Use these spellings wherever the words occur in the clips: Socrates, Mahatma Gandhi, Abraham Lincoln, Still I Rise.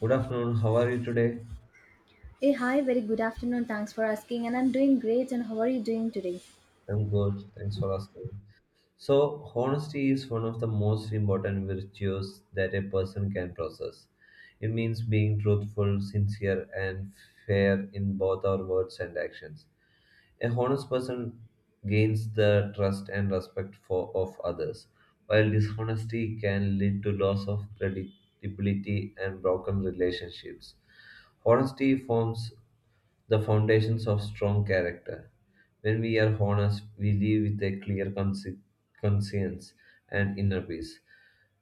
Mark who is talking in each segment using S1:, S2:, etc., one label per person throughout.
S1: Good afternoon. How are you today?
S2: Hey, hi, very good afternoon. Thanks for asking. And I'm doing great. And how are you doing today?
S1: I'm good. Thanks for asking. So, honesty is one of the most important virtues that a person can possess. It means being truthful, sincere, and fair in both our words and actions. A honest person gains the trust and respect of others. While dishonesty can lead to loss of credibility and broken relationships. Honesty forms the foundations of strong character. When we are honest, we live with a clear conscience and inner peace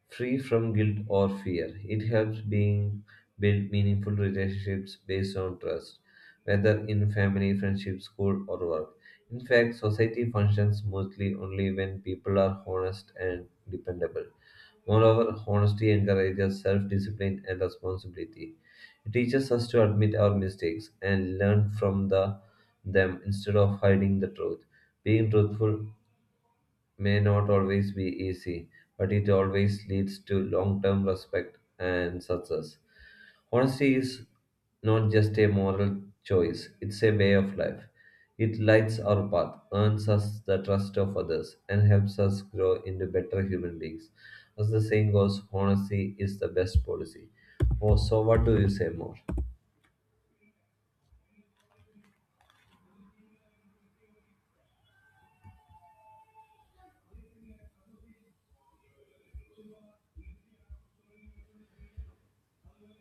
S1: free from guilt or fear. It helps being build meaningful relationships based on trust, whether in family, friendship, school, or work. In fact, society functions smoothly only when people are honest and dependable. Moreover, honesty encourages self discipline and responsibility. It teaches us to admit our mistakes and learn from them instead of hiding the truth. Being truthful may not always be easy, but it always leads to long term respect and success. Honesty is not just a moral choice, it's a way of life. It lights our path, earns us the trust of others, and helps us grow into better human beings. As the saying goes, honesty is the best policy. Oh, so, what do you say more?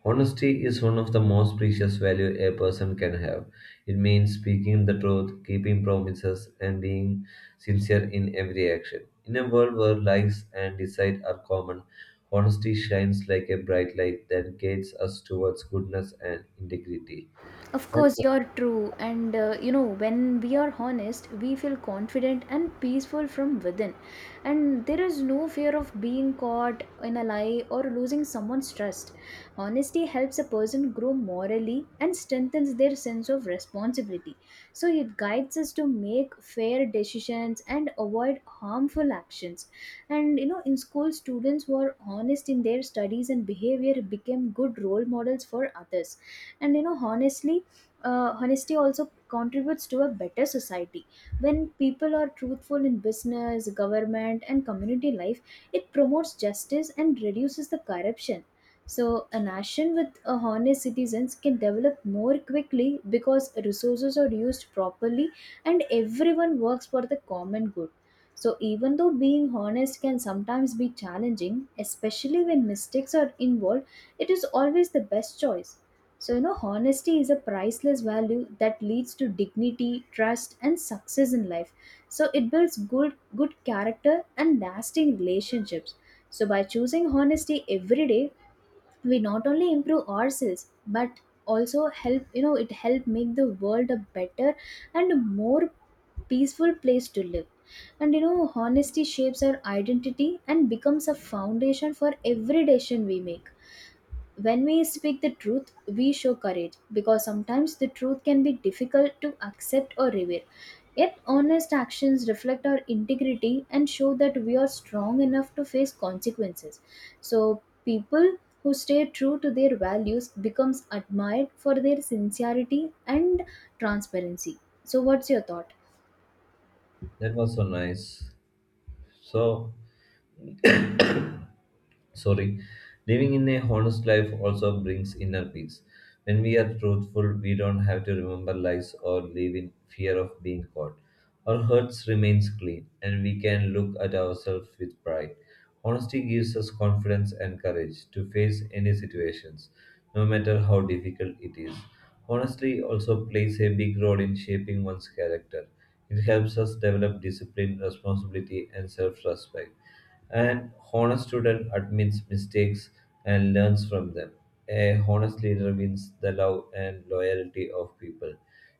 S1: Honesty is one of the most precious value a person can have. It means speaking the truth, keeping promises, and being sincere in every action. In a world where lies and deceit are common, honesty shines like a bright light that guides us towards goodness and integrity.
S2: Of
S1: That
S2: course,
S1: was
S2: you're true. And when we are honest, we feel confident and peaceful from within. And there is no fear of being caught in a lie or losing someone's trust. Honesty helps a person grow morally and strengthens their sense of responsibility. So it guides us to make fair decisions and avoid harmful actions. In school, students who are honest in their studies and behavior became good role models for others. And you know, honestly, Honesty also contributes to a better society. When people are truthful in business, government, and community life, it promotes justice and reduces the corruption. So, a nation with honest citizens can develop more quickly because resources are used properly and everyone works for the common good. So, even though being honest can sometimes be challenging, especially when mistakes are involved, it is always the best choice. So, honesty is a priceless value that leads to dignity, trust, and success in life. So, it builds good character and lasting relationships. So, by choosing honesty every day, we not only improve ourselves but also help, you know, it help make the world a better and a more peaceful place to live. Honesty shapes our identity and becomes a foundation for every decision we make. When we speak the truth, we show courage, because sometimes the truth can be difficult to accept or revere. Yet honest actions reflect our integrity and show that we are strong enough to face consequences. So people who stay true to their values becomes admired for their sincerity and transparency. So what's your thought?
S1: that was so nice. So sorry. Living in a honest life also brings inner peace. When we are truthful, we don't have to remember lies or live in fear of being caught. Our hearts remains clean, and we can look at ourselves with pride. Honesty gives us confidence and courage to face any situations, no matter how difficult it is. Honesty also plays a big role in shaping one's character. It helps us develop discipline, responsibility, and self respect. An honest student admits mistakes and learns from them. A honest leader wins the love and loyalty of people.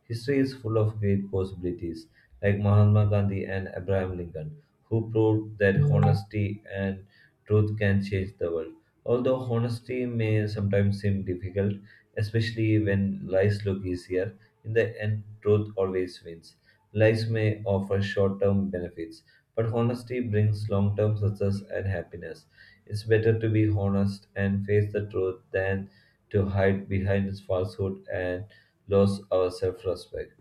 S1: History is full of great possibilities, like Mahatma Gandhi and Abraham Lincoln, who proved that honesty and truth can change the world. Although honesty may sometimes seem difficult, especially when lies look easier, in the end, truth always wins. Lies may offer short term benefits but honesty brings long term success and happiness. It's better to be honest and face the truth than to hide behind falsehood and lose our self respect.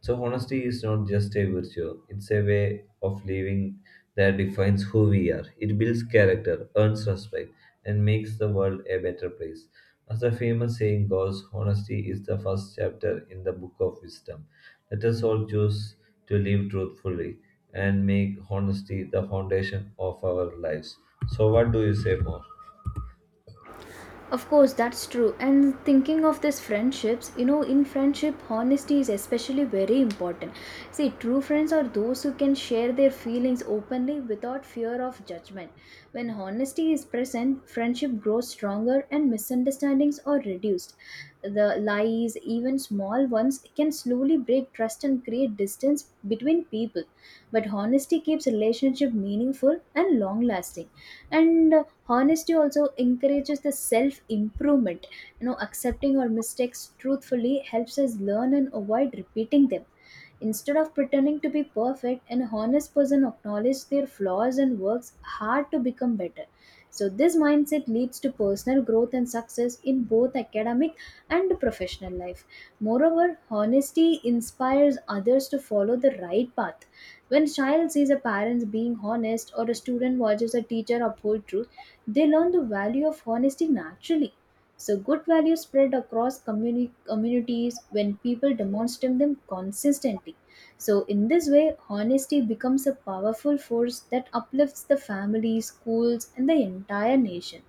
S1: So, honesty is not just a virtue, it's a way of living that defines who we are. It builds character, earns respect, and makes the world a better place. As the famous saying goes, honesty is the first chapter in the book of wisdom. Let us all choose to live truthfully and make honesty the foundation of our lives. So, what do you say more?
S2: Of course, that's true. And thinking of this friendships, in friendship, honesty is especially very important. See, true friends are those who can share their feelings openly without fear of judgment. When honesty is present, friendship grows stronger and misunderstandings are reduced. The lies, even small ones, can slowly break trust and create distance between people. But honesty keeps relationship meaningful and long lasting. And honesty also encourages the self improvement. Accepting our mistakes truthfully helps us learn and avoid repeating them. Instead of pretending to be perfect, an honest person acknowledges their flaws and works hard to become better. So this mindset leads to personal growth and success in both academic and professional life. Moreover, honesty inspires others to follow the right path. When a child sees a parent being honest or a student watches a teacher uphold truth, they learn the value of honesty naturally. So, good values spread across communities when people demonstrate them consistently. So, in this way, honesty becomes a powerful force that uplifts the family, schools, and the entire nation.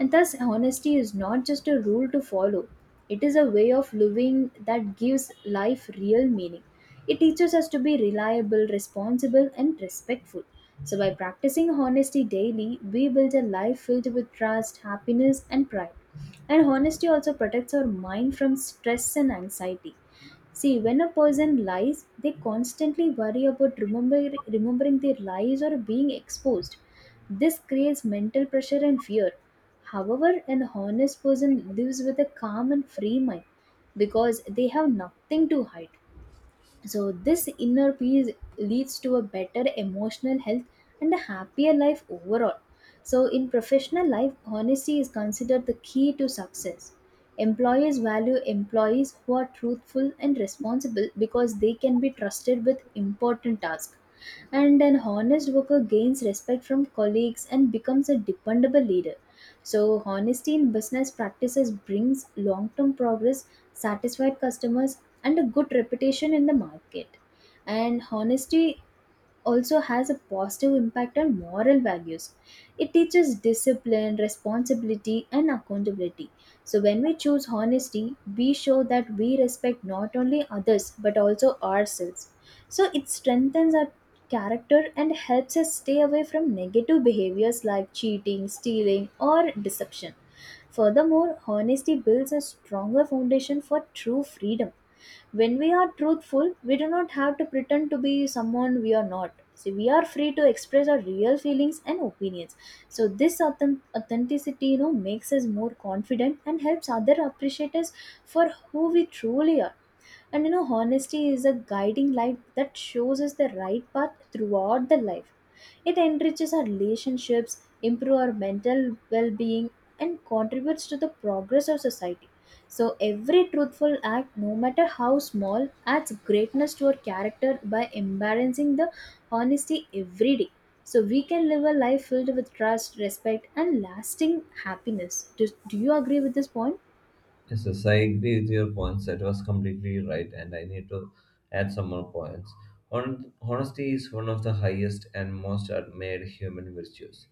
S2: And thus, honesty is not just a rule to follow, it is a way of living that gives life real meaning. It teaches us to be reliable, responsible, and respectful. So, by practicing honesty daily, we build a life filled with trust, happiness, and pride. And honesty also protects our mind from stress and anxiety. See, when a person lies, they constantly worry about remembering their lies or being exposed. This creates mental pressure and fear. However, an honest person lives with a calm and free mind because they have nothing to hide. So, this inner peace leads to a better emotional health and a happier life overall. So, in professional life, honesty is considered the key to success. Employers value employees who are truthful and responsible because they can be trusted with important tasks. And an honest worker gains respect from colleagues and becomes a dependable leader. So, honesty in business practices brings long term progress, satisfied customers, and a good reputation in the market. And honesty also has a positive impact on moral values. It teaches discipline, responsibility, and accountability. So, when we choose honesty, we show that we respect not only others but also ourselves. So, it strengthens our character and helps us stay away from negative behaviors like cheating, stealing, or deception. Furthermore, honesty builds a stronger foundation for true freedom. When we are truthful, we do not have to pretend to be someone we are not. So we are free to express our real feelings and opinions. So this authenticity makes us more confident and helps other appreciate us for who we truly are. Honesty is a guiding light that shows us the right path throughout the life. It enriches our relationships, improves our mental well being, and contributes to the progress of society. So, every truthful act, no matter how small, adds greatness to our character by embracing the honesty every day. So, we can live a life filled with trust, respect, and lasting happiness. Do you agree with this point?
S1: Yes, yes, I agree with your points. That was completely right, and I need to add some more points. Honesty is one of the highest and most admired human virtues.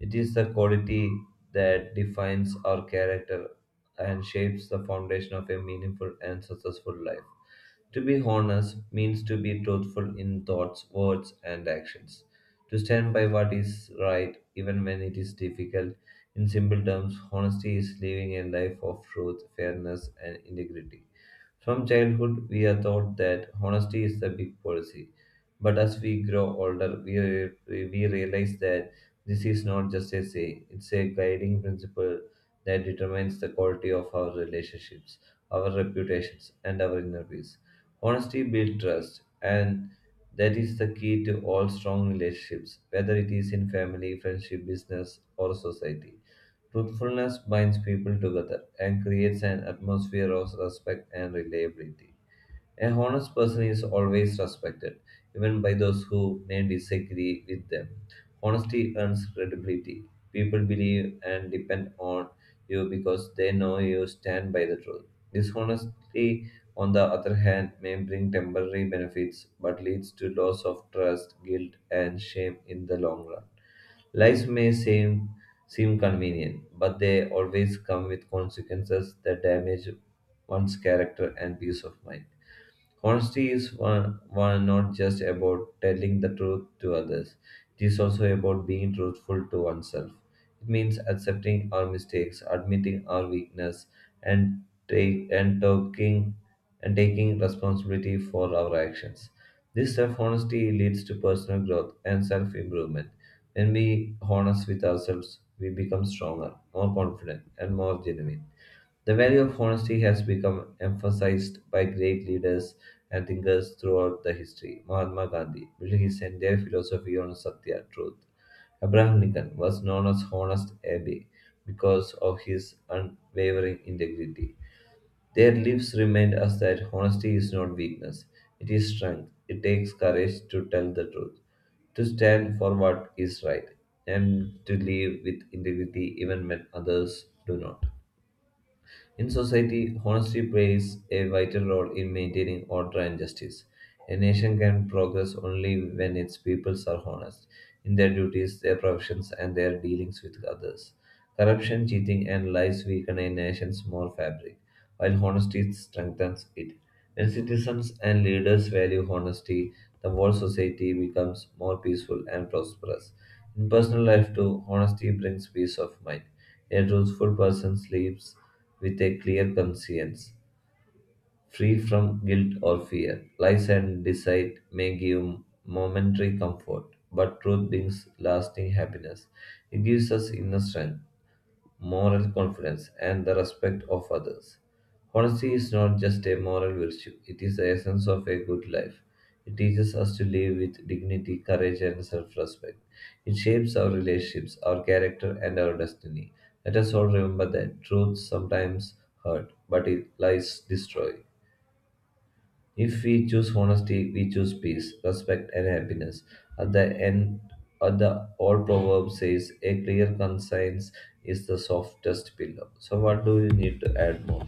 S1: It is the quality that defines our character and shapes the foundation of a meaningful and successful life. To be honest means to be truthful in thoughts, words, and actions. To stand by what is right, even when it is difficult. In simple terms, honesty is living a life of truth, fairness, and integrity. From childhood, we are taught that honesty is the big policy. But as we grow older, we realize that this is not just a saying, it's a guiding principle that determines the quality of our relationships, our reputations, and our inner peace. Honesty builds trust, and that is the key to all strong relationships, whether it is in family, friendship, business, or society. Truthfulness binds people together and creates an atmosphere of respect and reliability. A honest person is always respected, even by those who may disagree with them. Honesty earns credibility. People believe and depend on you because they know you stand by the truth. Dishonesty, on the other hand, may bring temporary benefits but leads to loss of trust, guilt, and shame in the long run. Lives may seem, seem convenient, but they always come with consequences that damage one's character and peace of mind. Honesty is one, one not just about telling the truth to others, it is also about being truthful to oneself. It means accepting our mistakes, admitting our weakness, and take and taking and taking responsibility for our actions. This self-honesty leads to personal growth and self-improvement. When we honest with ourselves, we become stronger, more confident, and more genuine. The value of honesty has become emphasized by great leaders and thinkers throughout the history. Mahatma Gandhi built his entire philosophy on Satya, truth. Abraham Lincoln was known as Honest Abe because of his unwavering integrity. Their lives remind us that honesty is not weakness, it is strength. It takes courage to tell the truth, to stand for what is right, and to live with integrity even when others do not. In society, honesty plays a vital role in maintaining order and justice. A nation can progress only when its peoples are honest in their duties, their professions, and their dealings with others. Corruption, cheating, and lies weaken a nation's moral fabric, while honesty strengthens it. When citizens and leaders value honesty, the whole society becomes more peaceful and prosperous. In personal life, too, honesty brings peace of mind. A truthful person sleeps with a clear conscience, free from guilt or fear. Lies and deceit may give momentary comfort, but truth brings lasting happiness. It gives us inner strength moral confidence, and the respect of others. Honesty is not just a moral virtue, it is the essence of a good life. It teaches us to live with dignity, courage, and self respect. It shapes our relationships, our character, and our destiny. Let us all remember that truth sometimes hurt, but it lies destroy. If we choose honesty, we choose peace, respect, and happiness. At the end, at the old proverb says, a clear conscience is the softest pillow. So, what do you need to add more?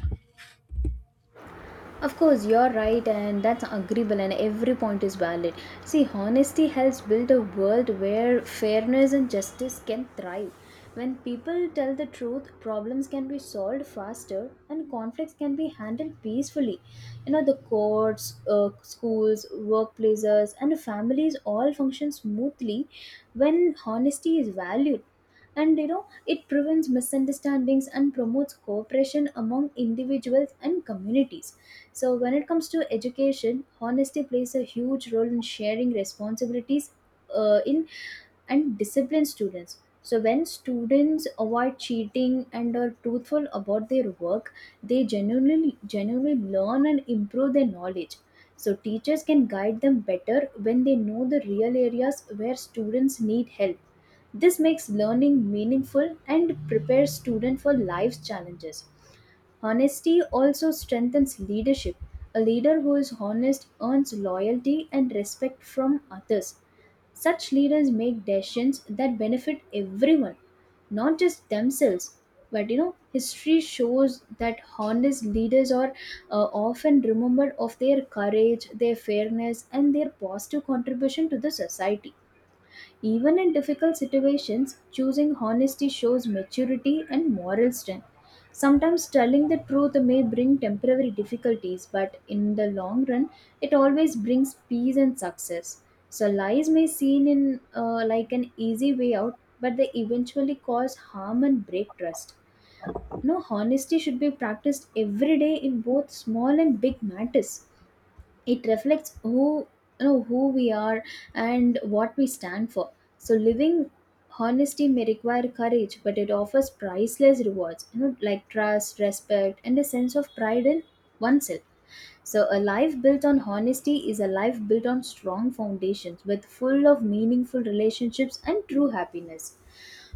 S2: Of course, you're right, and that's agreeable, and every point is valid. See, honesty helps build a world where fairness and justice can thrive. When people tell the truth, problems can be solved faster and conflicts can be handled peacefully. The courts, schools, workplaces, and families all function smoothly when honesty is valued. And it prevents misunderstandings and promotes cooperation among individuals and communities. So when it comes to education, honesty plays a huge role in sharing responsibilities, in and disciplined students. So when students avoid cheating and are truthful about their work, they genuinely learn and improve their knowledge. So teachers can guide them better when they know the real areas where students need help. This makes learning meaningful and prepares students for life's challenges. Honesty also strengthens leadership. A leader who is honest earns loyalty and respect from others. Such leaders make decisions that benefit everyone, not just themselves. But history shows that honest leaders are often remembered of their courage, their fairness, and their positive contribution to the society. Even in difficult situations, choosing honesty shows maturity and moral strength. Sometimes telling the truth may bring temporary difficulties, but in the long run, it always brings peace and success. So lies may seem in like an easy way out, but they eventually cause harm and break trust. No, honesty should be practiced every day in both small and big matters. It reflects who you know who we are and what we stand for. So living honesty may require courage, but it offers priceless rewards, like trust, respect, and a sense of pride in oneself. So a life built on honesty is a life built on strong foundations, with full of meaningful relationships and true happiness.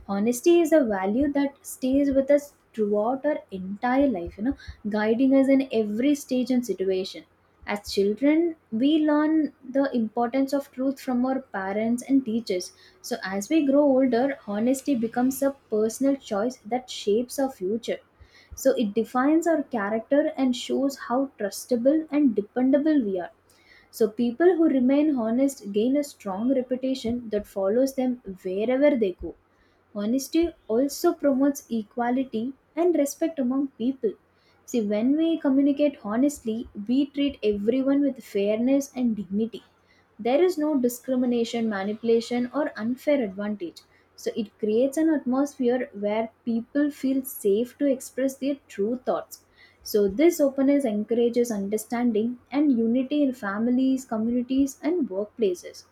S2: Honesty is a value that stays with us throughout our entire life, guiding us in every stage and situation. As children, we learn the importance of truth from our parents and teachers. So, as we grow older, honesty becomes a personal choice that shapes our future. So, it defines our character and shows how trustable and dependable we are. So, people who remain honest gain a strong reputation that follows them wherever they go. Honesty also promotes equality and respect among people. See, when we communicate honestly, we treat everyone with fairness and dignity. There is no discrimination, manipulation, or unfair advantage. So, it creates an atmosphere where people feel safe to express their true thoughts. So, this openness encourages understanding and unity in families, communities, and workplaces.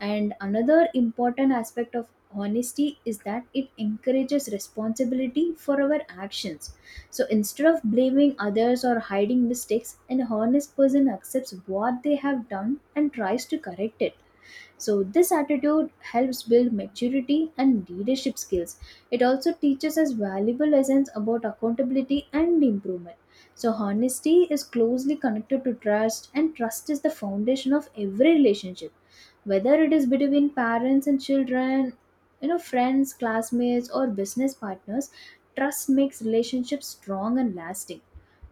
S2: And another important aspect of honesty is that it encourages responsibility for our actions. So, instead of blaming others or hiding mistakes, an honest person accepts what they have done and tries to correct it. So, this attitude helps build maturity and leadership skills. It also teaches us valuable lessons about accountability and improvement. So, honesty is closely connected to trust, and trust is the foundation of every relationship, whether it is between parents and children, friends, classmates, or business partners. Trust makes relationships strong and lasting.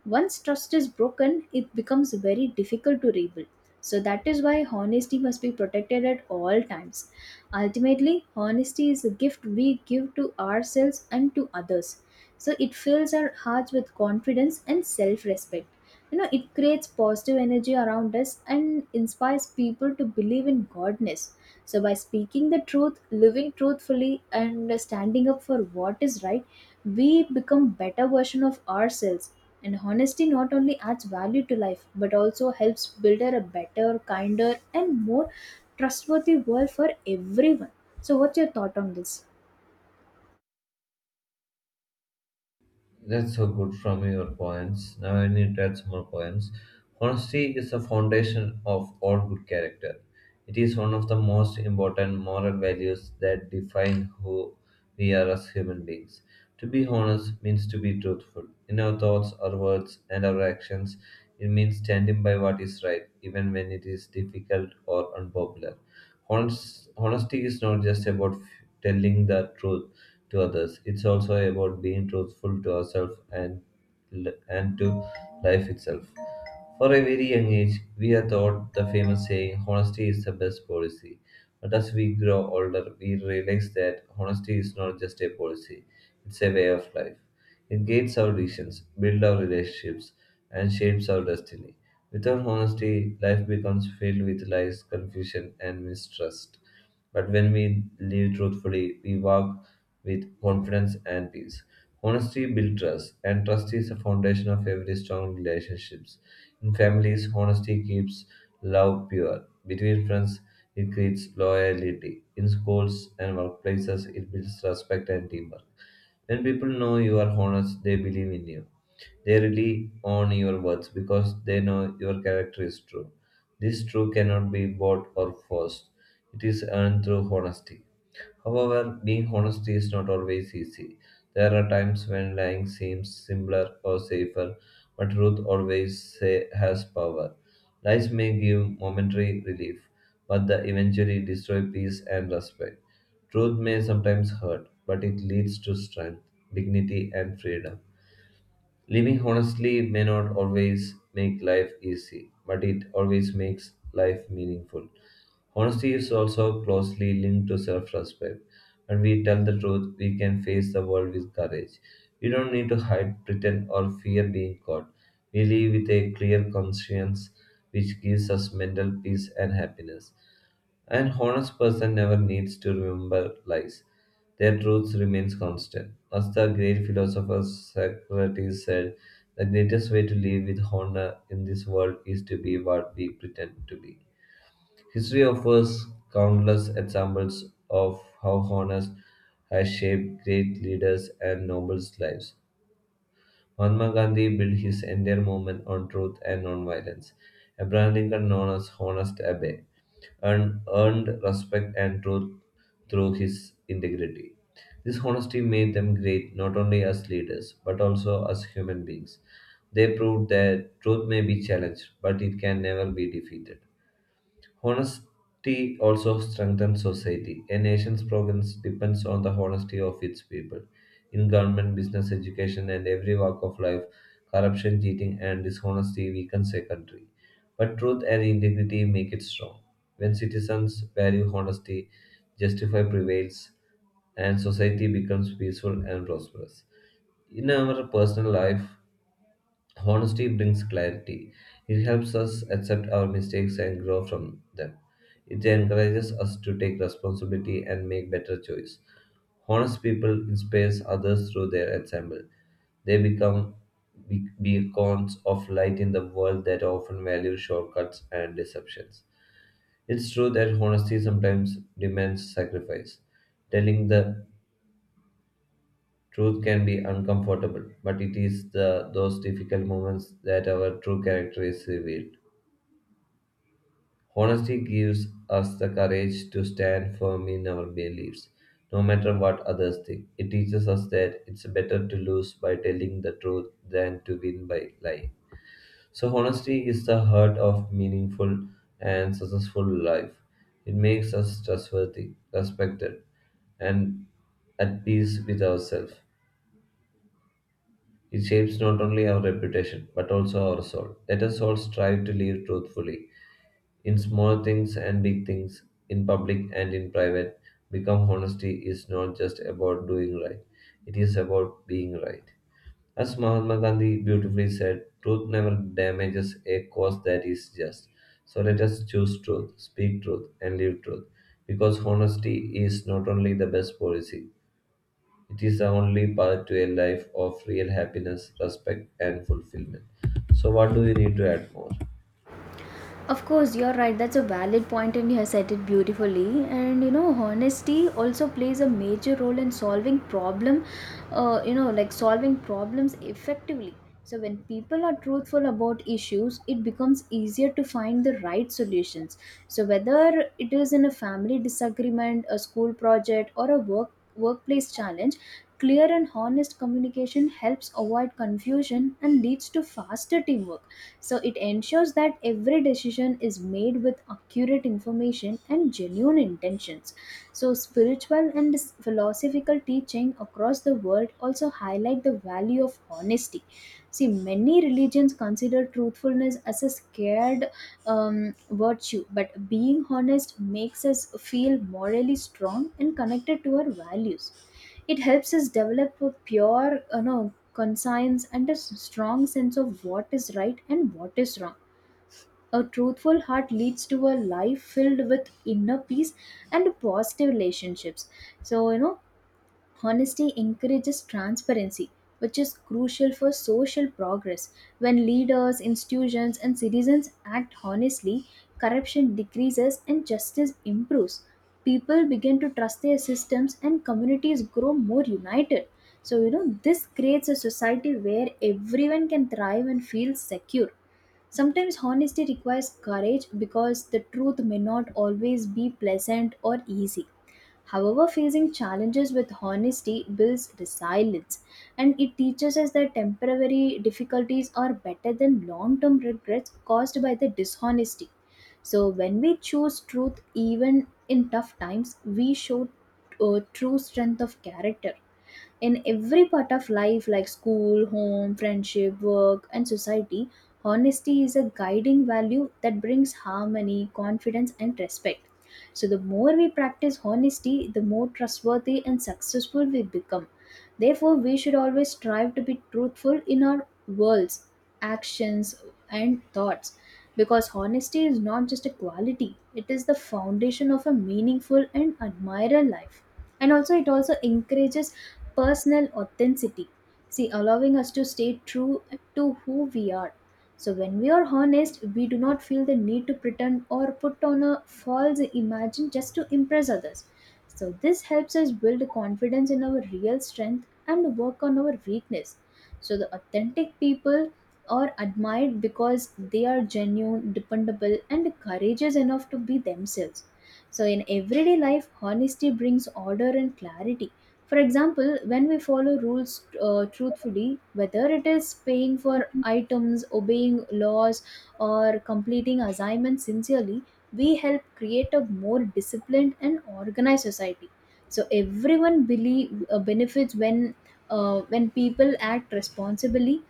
S2: Once trust is broken, it becomes very difficult to rebuild. So that is why honesty must be protected at all times. Ultimately, honesty is a gift we give to ourselves and to others. So it fills our hearts with confidence and self-respect. It creates positive energy around us and inspires people to believe in godness. So, by speaking the truth, living truthfully, and standing up for what is right, we become better version of ourselves. And honesty not only adds value to life, but also helps build a better, kinder, and more trustworthy world for everyone. So, what's your thought on this?
S1: That's so good from your points. Now I need to add some more points. Honesty is the foundation of all good character. It is one of the most important moral values that define who we are as human beings. To be honest means to be truthful in our thoughts, our words, and our actions. It means standing by what is right, even when it is difficult or unpopular. Honesty is not just about telling the truth to others, it's also about being truthful to ourselves and to life itself. For a very young age, we are taught the famous saying, honesty is the best policy. But as we grow older, we realize that honesty is not just a policy, it's a way of life. It guides our decisions, builds our relationships, and shapes our destiny. Without honesty, life becomes filled with lies, confusion, and mistrust. But when we live truthfully, we walk with confidence and peace. Honesty builds trust, and trust is the foundation of every strong relationships. In families, honesty keeps love pure. Between friends, it creates loyalty. In schools and workplaces, it builds respect and teamwork. When people know you are honest, they believe in you. They rely on your words because they know your character is true. This truth cannot be bought or forced. It is earned through honesty. However, being honest is not always easy. There are times when lying seems simpler or safer, but truth always has power. Lies may give momentary relief, but they eventually destroy peace and respect. Truth may sometimes hurt, but it leads to strength, dignity, and freedom. Living honestly may not always make life easy, but it always makes life meaningful. Honesty is also closely linked to self respect. When we tell the truth, we can face the world with courage. We don't need to hide, pretend, or fear being caught. We live with a clear conscience, which gives us mental peace and happiness. An honest person never needs to remember lies. Their truth remains constant. As the great philosopher Socrates said, the greatest way to live with honor in this world is to be what we pretend to be. History offers countless examples of how honest has shaped great leaders and nobles' lives. Mahatma Gandhi built his entire movement on truth and non-violence. Abraham Lincoln known as Honest Abe and earned respect and truth through his integrity. This honesty made them great not only as leaders but also as human beings. They proved that truth may be challenged, but it can never be defeated. Honesty also strengthens society. A nation's progress depends on the honesty of its people. In government, business, education, and every walk of life, corruption, cheating, and dishonesty weakens a country. But truth and integrity make it strong. When citizens value honesty, justify prevails, and society becomes peaceful and prosperous. In our personal life, honesty brings clarity. It helps us accept our mistakes and grow from them. It encourages us to take responsibility and make better choices. Honest people inspire others through their example. They become beacons of light in the world that often value shortcuts and deceptions. It's true that honesty sometimes demands sacrifice. Telling the truth can be uncomfortable, but it is the those difficult moments that our true character is revealed. Honesty gives us the courage to stand firm in our beliefs, no matter what others think. It teaches us that it's better to lose by telling the truth than to win by lying. So honesty is the heart of meaningful and successful life. It makes us trustworthy, respected, and at peace with ourselves. It shapes not only our reputation, but also our soul. Let us all strive to live truthfully, in small things and big things, in public and in private. Become honesty is not just about doing right, it is about being right. As Mahatma Gandhi beautifully said, truth never damages a cause that is just. So let us choose truth, speak truth, and live truth. Because honesty is not only the best policy, it is the only path to a life of real happiness, respect, and fulfillment. So, what do we need to add more?
S2: Of course, you're right. That's a valid point, and you have said it beautifully. Honesty also plays a major role in solving problem. Like solving problems effectively. So when people are truthful about issues, it becomes easier to find the right solutions. So whether it is in a family disagreement, a school project, or a workplace challenge, clear and honest communication helps avoid confusion and leads to faster teamwork. So it ensures that every decision is made with accurate information and genuine intentions. So spiritual and philosophical teaching across the world also highlight the value of honesty. See, many religions consider truthfulness as a scared virtue, but being honest makes us feel morally strong and connected to our values. It helps us develop a pure conscience and a strong sense of what is right and what is wrong. A truthful heart leads to a life filled with inner peace and positive relationships. So, you know, Honesty encourages transparency, which is crucial for social progress. When leaders, institutions, and citizens act honestly, corruption decreases and justice improves. People begin to trust their systems, and communities grow more united. This creates a society where everyone can thrive and feel secure. Sometimes honesty requires courage because the truth may not always be pleasant or easy. However, facing challenges with honesty builds resilience, and it teaches us that temporary difficulties are better than long term regrets caused by the dishonesty. So, when we choose truth even in tough times, we show true strength of character. In every part of life like school, home, friendship, work, and society, honesty is a guiding value that brings harmony, confidence, and respect. So, the more we practice honesty, the more trustworthy and successful we become. Therefore, we should always strive to be truthful in our words, actions, and thoughts, because honesty is not just a quality, it is the foundation of a meaningful and admirable life. And also, it also encourages personal authenticity. See, allowing us to stay true to who we are. So, when we are honest, we do not feel the need to pretend or put on a false image just to impress others. So, this helps us build confidence in our real strength and work on our weakness. So, the authentic people are admired because they are genuine, dependable, and courageous enough to be themselves. So, in everyday life, honesty brings order and clarity. For example, when we follow rules truthfully, whether it is paying for items, obeying laws, or completing assignments sincerely, we help create a more disciplined and organized society. So everyone benefits when people act responsibly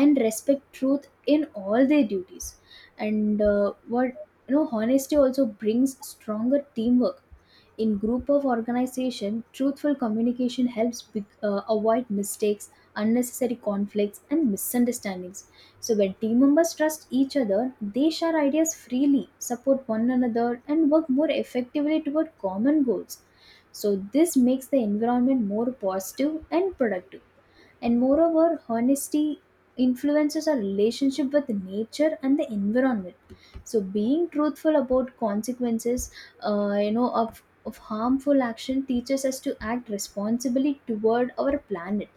S2: and respect truth in all their duties. And what you know honesty also brings stronger teamwork. In group of organization, truthful communication helps avoid mistakes, unnecessary conflicts, and misunderstandings. So when team members trust each other, they share ideas freely, support one another, and work more effectively toward common goals. So this makes the environment more positive and productive. And moreover, honesty influences our relationship with nature and the environment. So, being truthful about consequences, of harmful action teaches us to act responsibly toward our planet.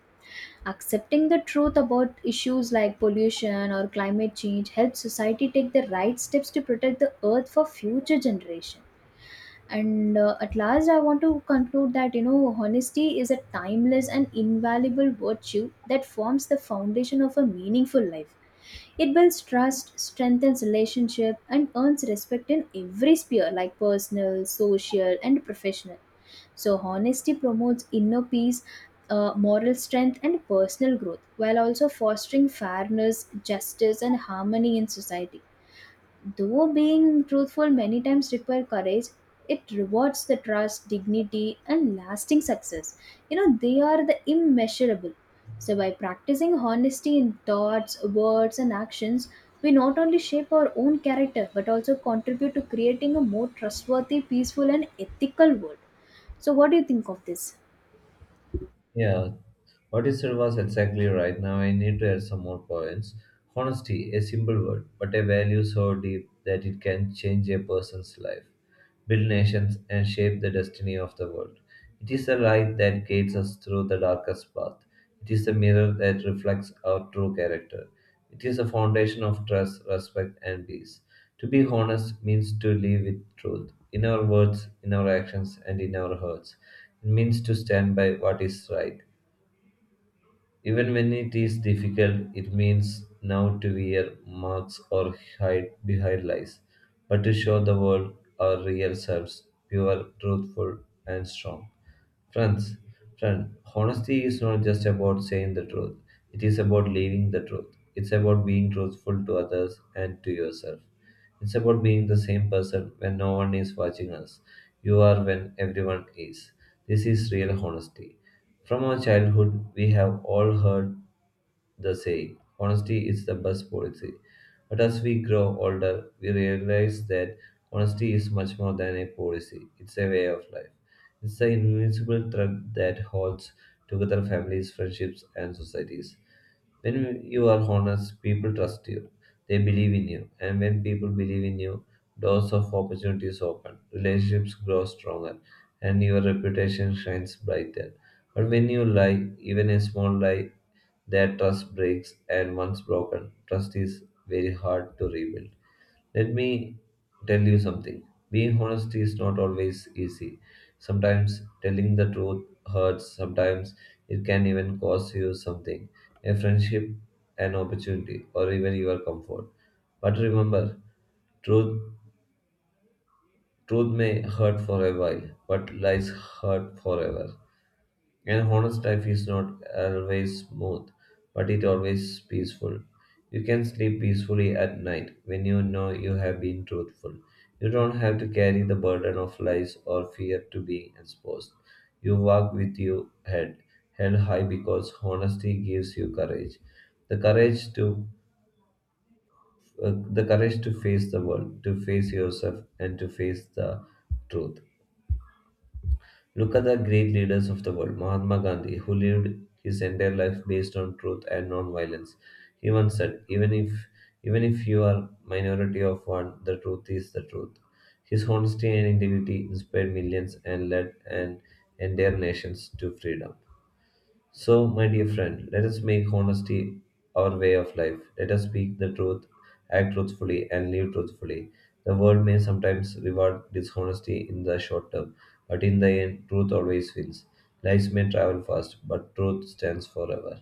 S2: Accepting the truth about issues like pollution or climate change helps society take the right steps to protect the earth for future generations. And at last, I want to conclude that, you know, honesty is a timeless and invaluable virtue that forms the foundation of a meaningful life. It builds trust, strengthens relationship, and earns respect in every sphere like personal, social, and professional. So, honesty promotes inner peace, moral strength, and personal growth, while also fostering fairness, justice, and harmony in society. Though being truthful many times require courage, it rewards the trust, dignity, and lasting success. You know, they are the immeasurable. So, by practicing honesty in thoughts, words, and actions, we not only shape our own character but also contribute to creating a more trustworthy, peaceful, and ethical world. So, what do you think of this?
S1: Yeah, what you said was exactly right. Now, I need to add some more points. Honesty, a simple word, but a value so deep that it can change a person's life. Build nations, and shape the destiny of the world. It is the light that guides us through the darkest path. It is the mirror that reflects our true character. It is a foundation of trust, respect, and peace. To be honest means to live with truth in our words, in our actions, and in our hearts. It means to stand by what is right even when it is difficult, it means now to wear masks or hide behind lies, but to show the world our real selves, pure, truthful, and strong. Friends, friend, honesty is not just about saying the truth. It is about living the truth. It's about being truthful to others and to yourself. It's about being the same person when no one is watching us. You are when everyone is. This is real honesty. From our childhood, we have all heard the saying, honesty is the best policy. But as we grow older, we realize that honesty is much more than a policy, it's a way of life. It's the invincible thread that holds together families, friendships, and societies. When you are honest, people trust you. They believe in you. And when people believe in you, doors of opportunities open, relationships grow stronger, and your reputation shines brighter. But when you lie, even a small lie, that trust breaks, and once broken, trust is very hard to rebuild. Let me tell you something. Being honest is not always easy. Sometimes telling the truth hurts, sometimes it can even cost you something a friendship, an opportunity, or even your comfort. But remember, truth, truth may hurt for a while, but lies hurt forever. An honest life is not always smooth, but it always peaceful. You can sleep peacefully at night when you know you have been truthful. You don't have to carry the burden of lies or fear to being exposed. You walk with your head held high because honesty gives you courage. The courage to face the world, to face yourself and to face the truth. Look at the great leaders of the world. Mahatma Gandhi, who lived his entire life based on truth and non-violence. He once said, even if you are minority of one, the truth is the truth. His honesty and integrity inspired millions and led an entire nations to freedom. So, my dear friend, let us make honesty our way of life. Let us speak the truth, act truthfully, and live truthfully. The world may sometimes reward dishonesty in the short term, but in the end, truth always wins. Lies may travel fast, but truth stands forever.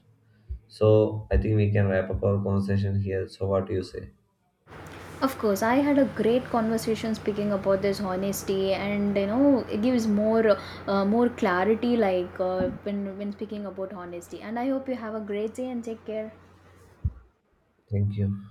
S1: So, I think we can wrap up our conversation here. So, what do you say?
S2: Of course, I had a great conversation speaking about this honesty, and you know, it gives more more clarity, like when speaking about honesty. And I hope you have a great day and take care.
S1: Thank you.